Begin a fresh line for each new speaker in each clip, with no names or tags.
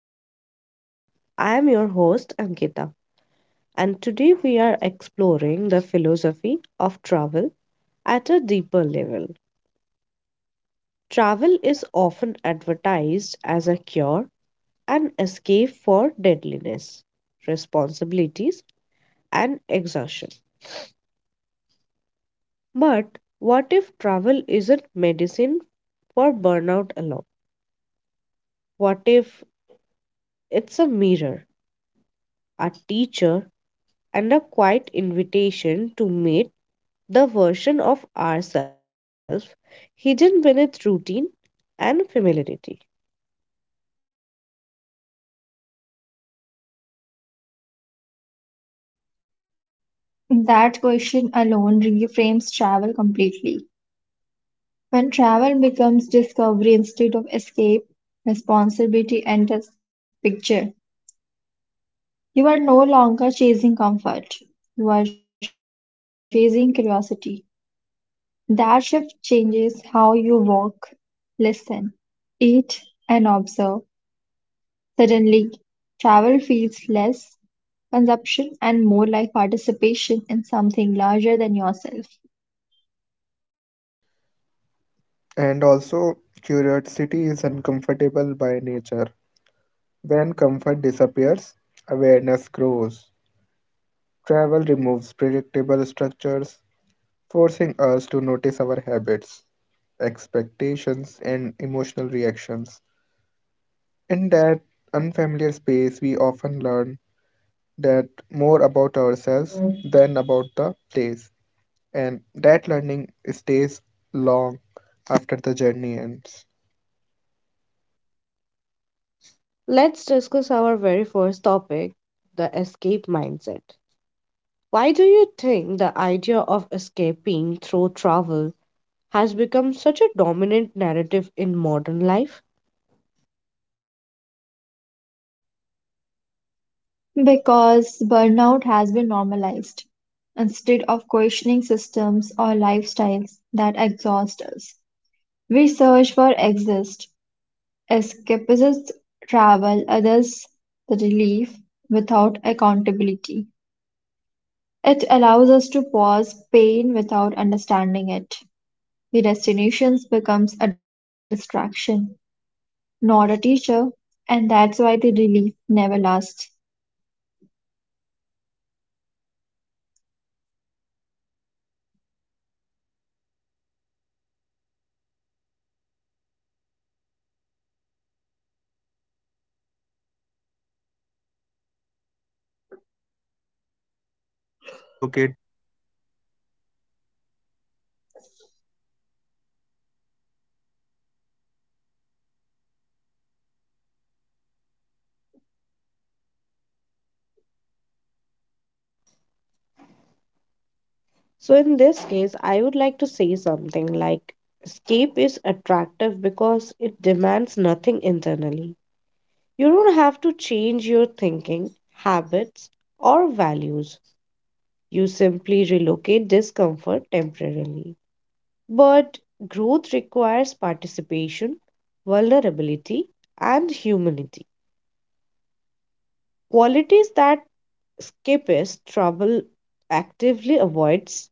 Healthy Lifestyle. I am your host Ankita, and today we are exploring the philosophy of travel at a deeper level. Travel is often advertised as a cure, an escape for deadliness, responsibilities, and exhaustion. But what if travel isn't medicine for burnout alone? What if it's a mirror, a teacher, and a quiet invitation to meet the version of ourselves hidden beneath routine and familiarity?
That question alone reframes travel completely. When travel becomes discovery instead of escape, responsibility enters the picture. You are no longer chasing comfort. You are chasing curiosity. That shift changes how you walk, listen, eat, and observe. Suddenly, travel feels less consumption and more like participation in something larger than yourself.
And also, curiosity is uncomfortable by nature. When comfort disappears, awareness grows. Travel removes predictable structures, forcing us to notice our habits, expectations, and emotional reactions. In that unfamiliar space, we often learn that more about ourselves than about the place, and that learning stays long after the journey ends.
Let's discuss our very first topic: the escape mindset. Why do you think the idea of escaping through travel has become such a dominant narrative in modern life?
Because burnout has been normalized instead of questioning systems or lifestyles that exhaust us. We search for exist, escapists travel others the relief without accountability. It allows us to pause pain without understanding it. The destination becomes a distraction, not a teacher, and that's why the relief never lasts.
And according to me, escape is attractive because it demands nothing internally and you don't have to change your thinking, habits, or values. You simply relocate discomfort temporarily, but growth requires participation, vulnerability, and humility, qualities that escapist travel actively avoids.
So, in this case, I would like to say something like escape is attractive because it demands nothing internally. You don't have to change your thinking, habits, or values. You simply relocate discomfort temporarily. But growth requires participation, vulnerability, and humility. Qualities that escapists trouble actively avoids.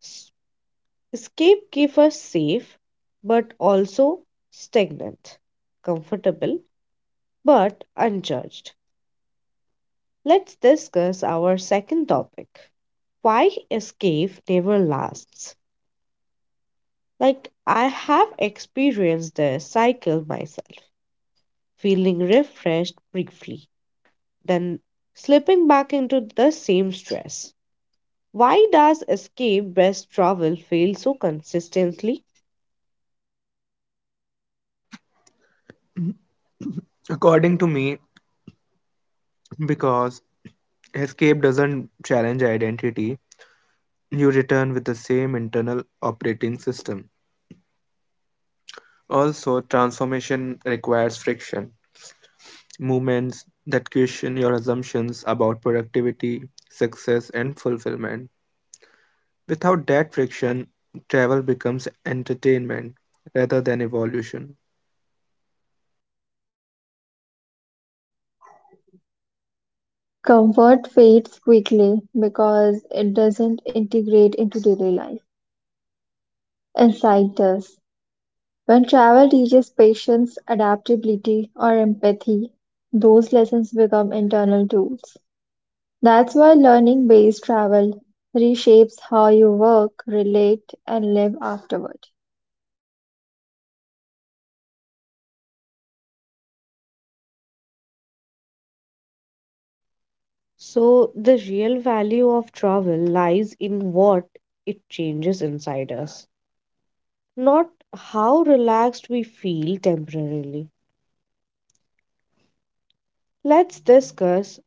S- Escape keeps us safe, but also stagnant, comfortable, but unjudged. Let's discuss our second topic: why escape never lasts. Like, I have experienced the cycle myself, feeling refreshed briefly, then slipping back into the same stress. Why does escape based travel fail so consistently?
According to me, because escape doesn't challenge identity, you return with the same internal operating system. Also, transformation requires friction, movements that question your assumptions about productivity, success, and fulfillment. Without that friction, travel becomes entertainment rather than evolution.
Comfort fades quickly because it doesn't integrate into daily life. Insight does. When travel teaches patience, adaptability, or empathy, those lessons become internal tools. That's why learning based travel reshapes how you work, relate, and live afterward.
So, the real value of travel lies in what it changes inside us, not how relaxed we feel temporarily. Let's discuss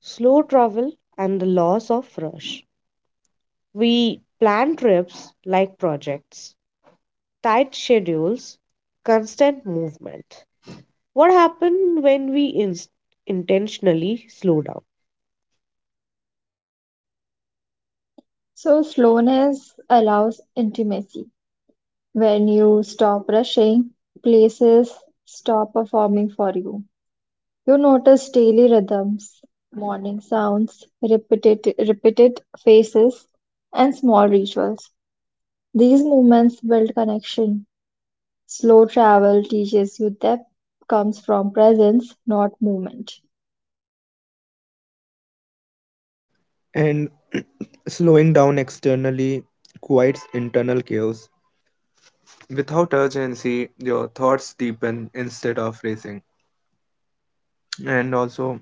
slow travel and the loss of rush. We plan trips like projects, tight schedules, constant movement. What happens when we intentionally slow down?
So, slowness allows intimacy. When you stop rushing, places stop performing for you. You notice daily rhythms, morning sounds, repeated faces, and small rituals. These movements build connection. Slow travel teaches you depth comes from presence, not movement.
And slowing down externally quiets internal chaos. Without urgency, your thoughts deepen instead of racing. And also,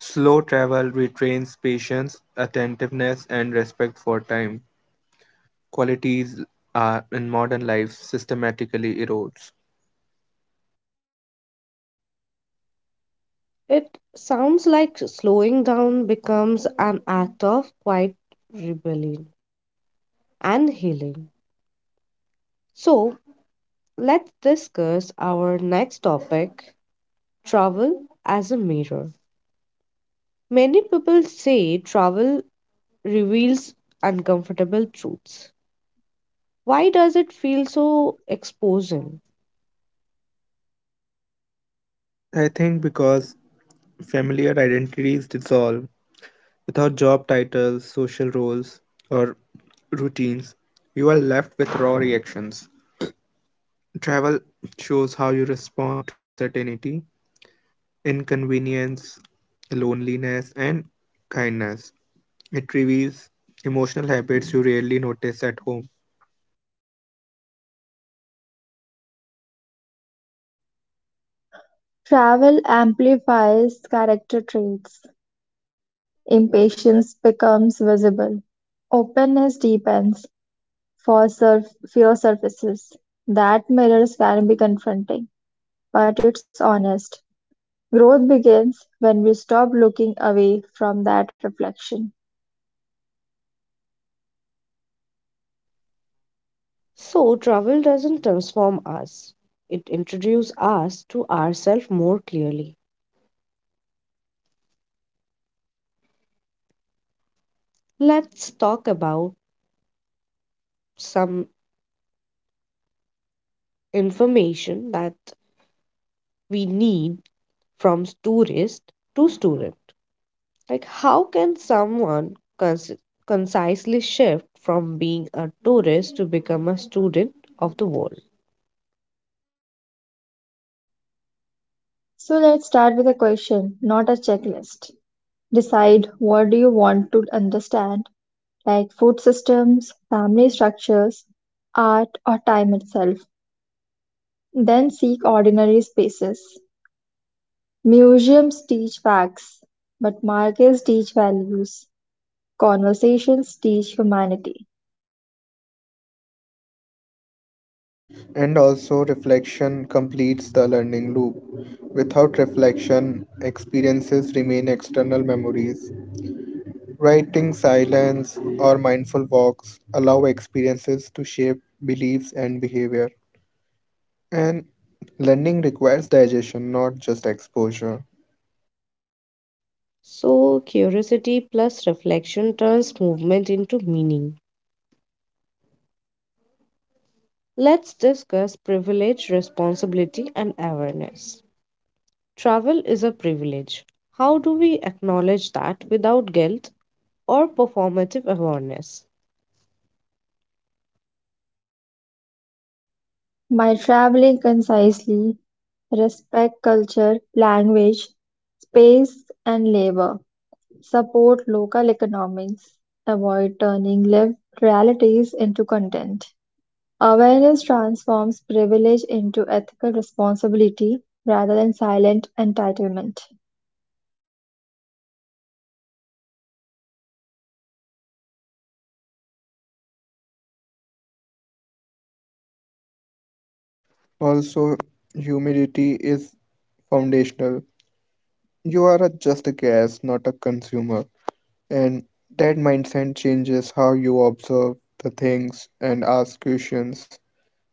slow travel retrains patience, attentiveness, and respect for time. Qualities in modern life systematically erodes.
It sounds like slowing down becomes an act of quiet rebellion and healing. So, let's discuss our next topic: travel as a mirror. Many people say travel reveals uncomfortable truths. Why does it feel so exposing?
I think because familiar identities dissolve without job titles, social roles, or routines, you are left with raw reactions. Travel shows how you respond to uncertainty, inconvenience, loneliness, and kindness. It reveals emotional habits you rarely notice at home.
Travel amplifies character traits; impatience becomes visible; openness deepens; fear surfaces. That mirror can be confronting, but it's honest. Growth begins when we stop looking away from that reflection.
So, travel doesn't transform us, it introduces us to ourselves more clearly. Let's talk about some information that we need, from tourist to student. Like, how can someone concisely shift from being a tourist to become a student of the world?
So let's start with a question, not a checklist. Decide what do you want to understand, like food systems, family structures, art, or time itself. Then seek ordinary spaces. Museums teach facts, but markets teach values. Conversations teach humanity.
And also, reflection completes the learning loop. Without reflection, experiences remain external memories. Writing, silence, or mindful walks allow experiences to shape beliefs and behavior. And learning requires digestion, not just exposure.
So, curiosity plus reflection turns movement into meaning. Let's discuss privilege, responsibility, and awareness. Travel is a privilege. How do we acknowledge that without guilt or performative awareness?
By traveling concisely, respect culture, language, space, and labor. Support local economics. Avoid turning lived realities into content. Awareness transforms privilege into ethical responsibility rather than silent entitlement.
Also, humility is foundational. You are a just a guest, not a consumer. And that mindset changes how you observe the things and ask questions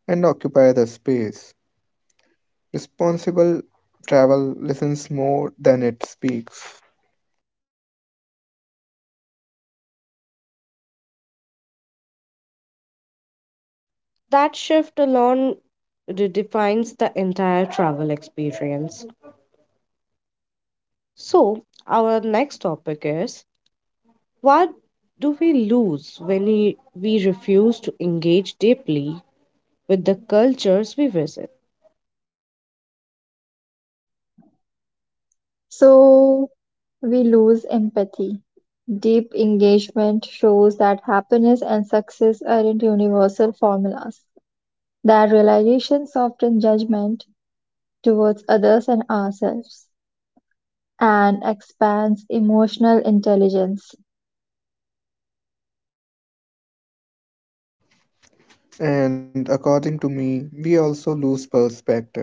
and occupy the space. Responsible travel listens more than it speaks.
That shift alone redefines the entire travel experience. So, our next topic is, what do we lose when we refuse to engage deeply with the cultures we visit?
So we lose empathy. Deep engagement shows that happiness and success aren't universal formulas. That realization softens judgment towards others and ourselves and expands emotional intelligence.
And according to me, we also lose perspective.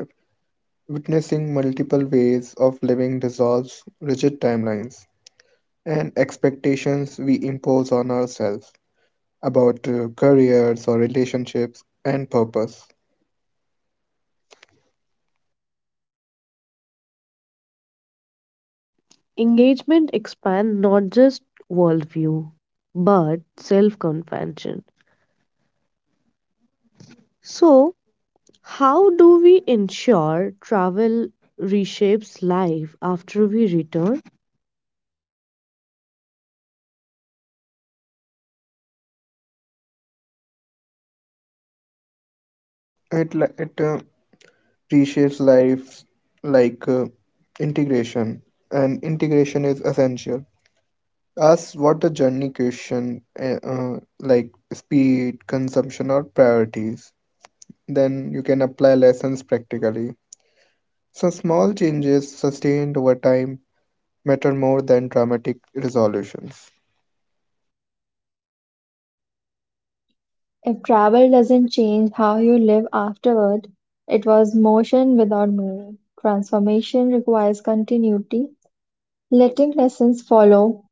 Witnessing multiple ways of living dissolves rigid timelines and expectations we impose on ourselves about careers or relationships and purpose.
Engagement expand not just worldview but self-compassion. So, how do we ensure travel reshapes life after we return?
It reshapes life like integration, and integration is essential. Ask what the journey question, like speed, consumption, or priorities. Then you can apply lessons practically. So, small changes sustained over time matter more than dramatic resolutions.
If travel doesn't change how you live afterward, it was motion without meaning. Transformation requires continuity, letting lessons follow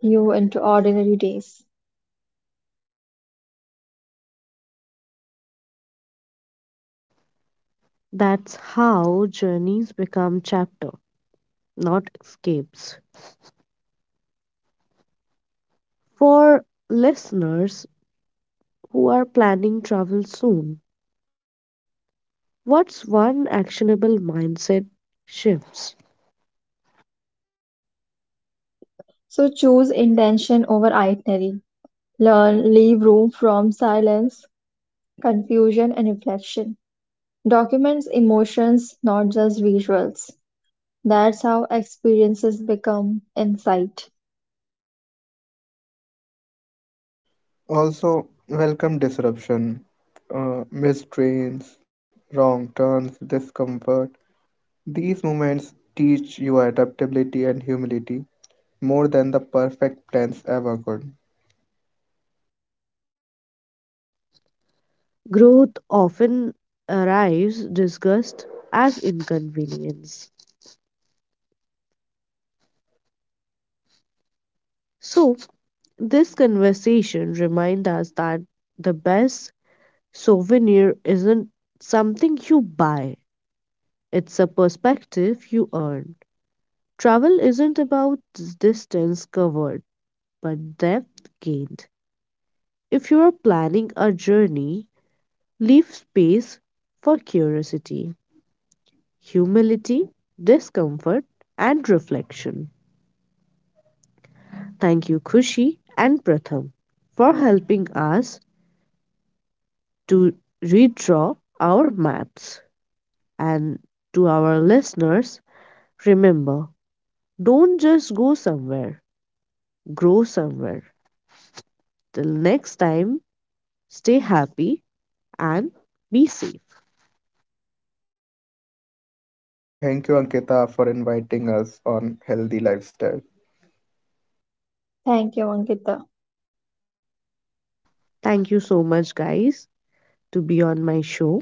you into ordinary days.
That's how journeys become chapter, not escapes. For listeners who are planning travel soon, what's one actionable mindset shifts?
So choose intention over itinerary. Learn, leave room from silence, confusion, and reflection. Documents emotions, not just visuals. That's how experiences become insight.
Also, welcome disruption, missed trains, wrong turns, discomfort. These moments teach you adaptability and humility. More than the perfect plans ever could.
Growth often arrives discussed as inconvenience. So, this conversation reminds us that the best souvenir isn't something you buy, it's a perspective you earn. Travel isn't about distance covered, but depth gained. If you are planning a journey, leave space for curiosity, humility, discomfort, and reflection. Thank you, Khushi and Pratham, for helping us to redraw our maps. And to our listeners, remember, don't just go somewhere, grow somewhere. Till next time, stay happy and be safe.
Thank you, Ankita, for inviting us on Healthy Lifestyle.
Thank you, Ankita.
Thank you so much, guys, to be on my show.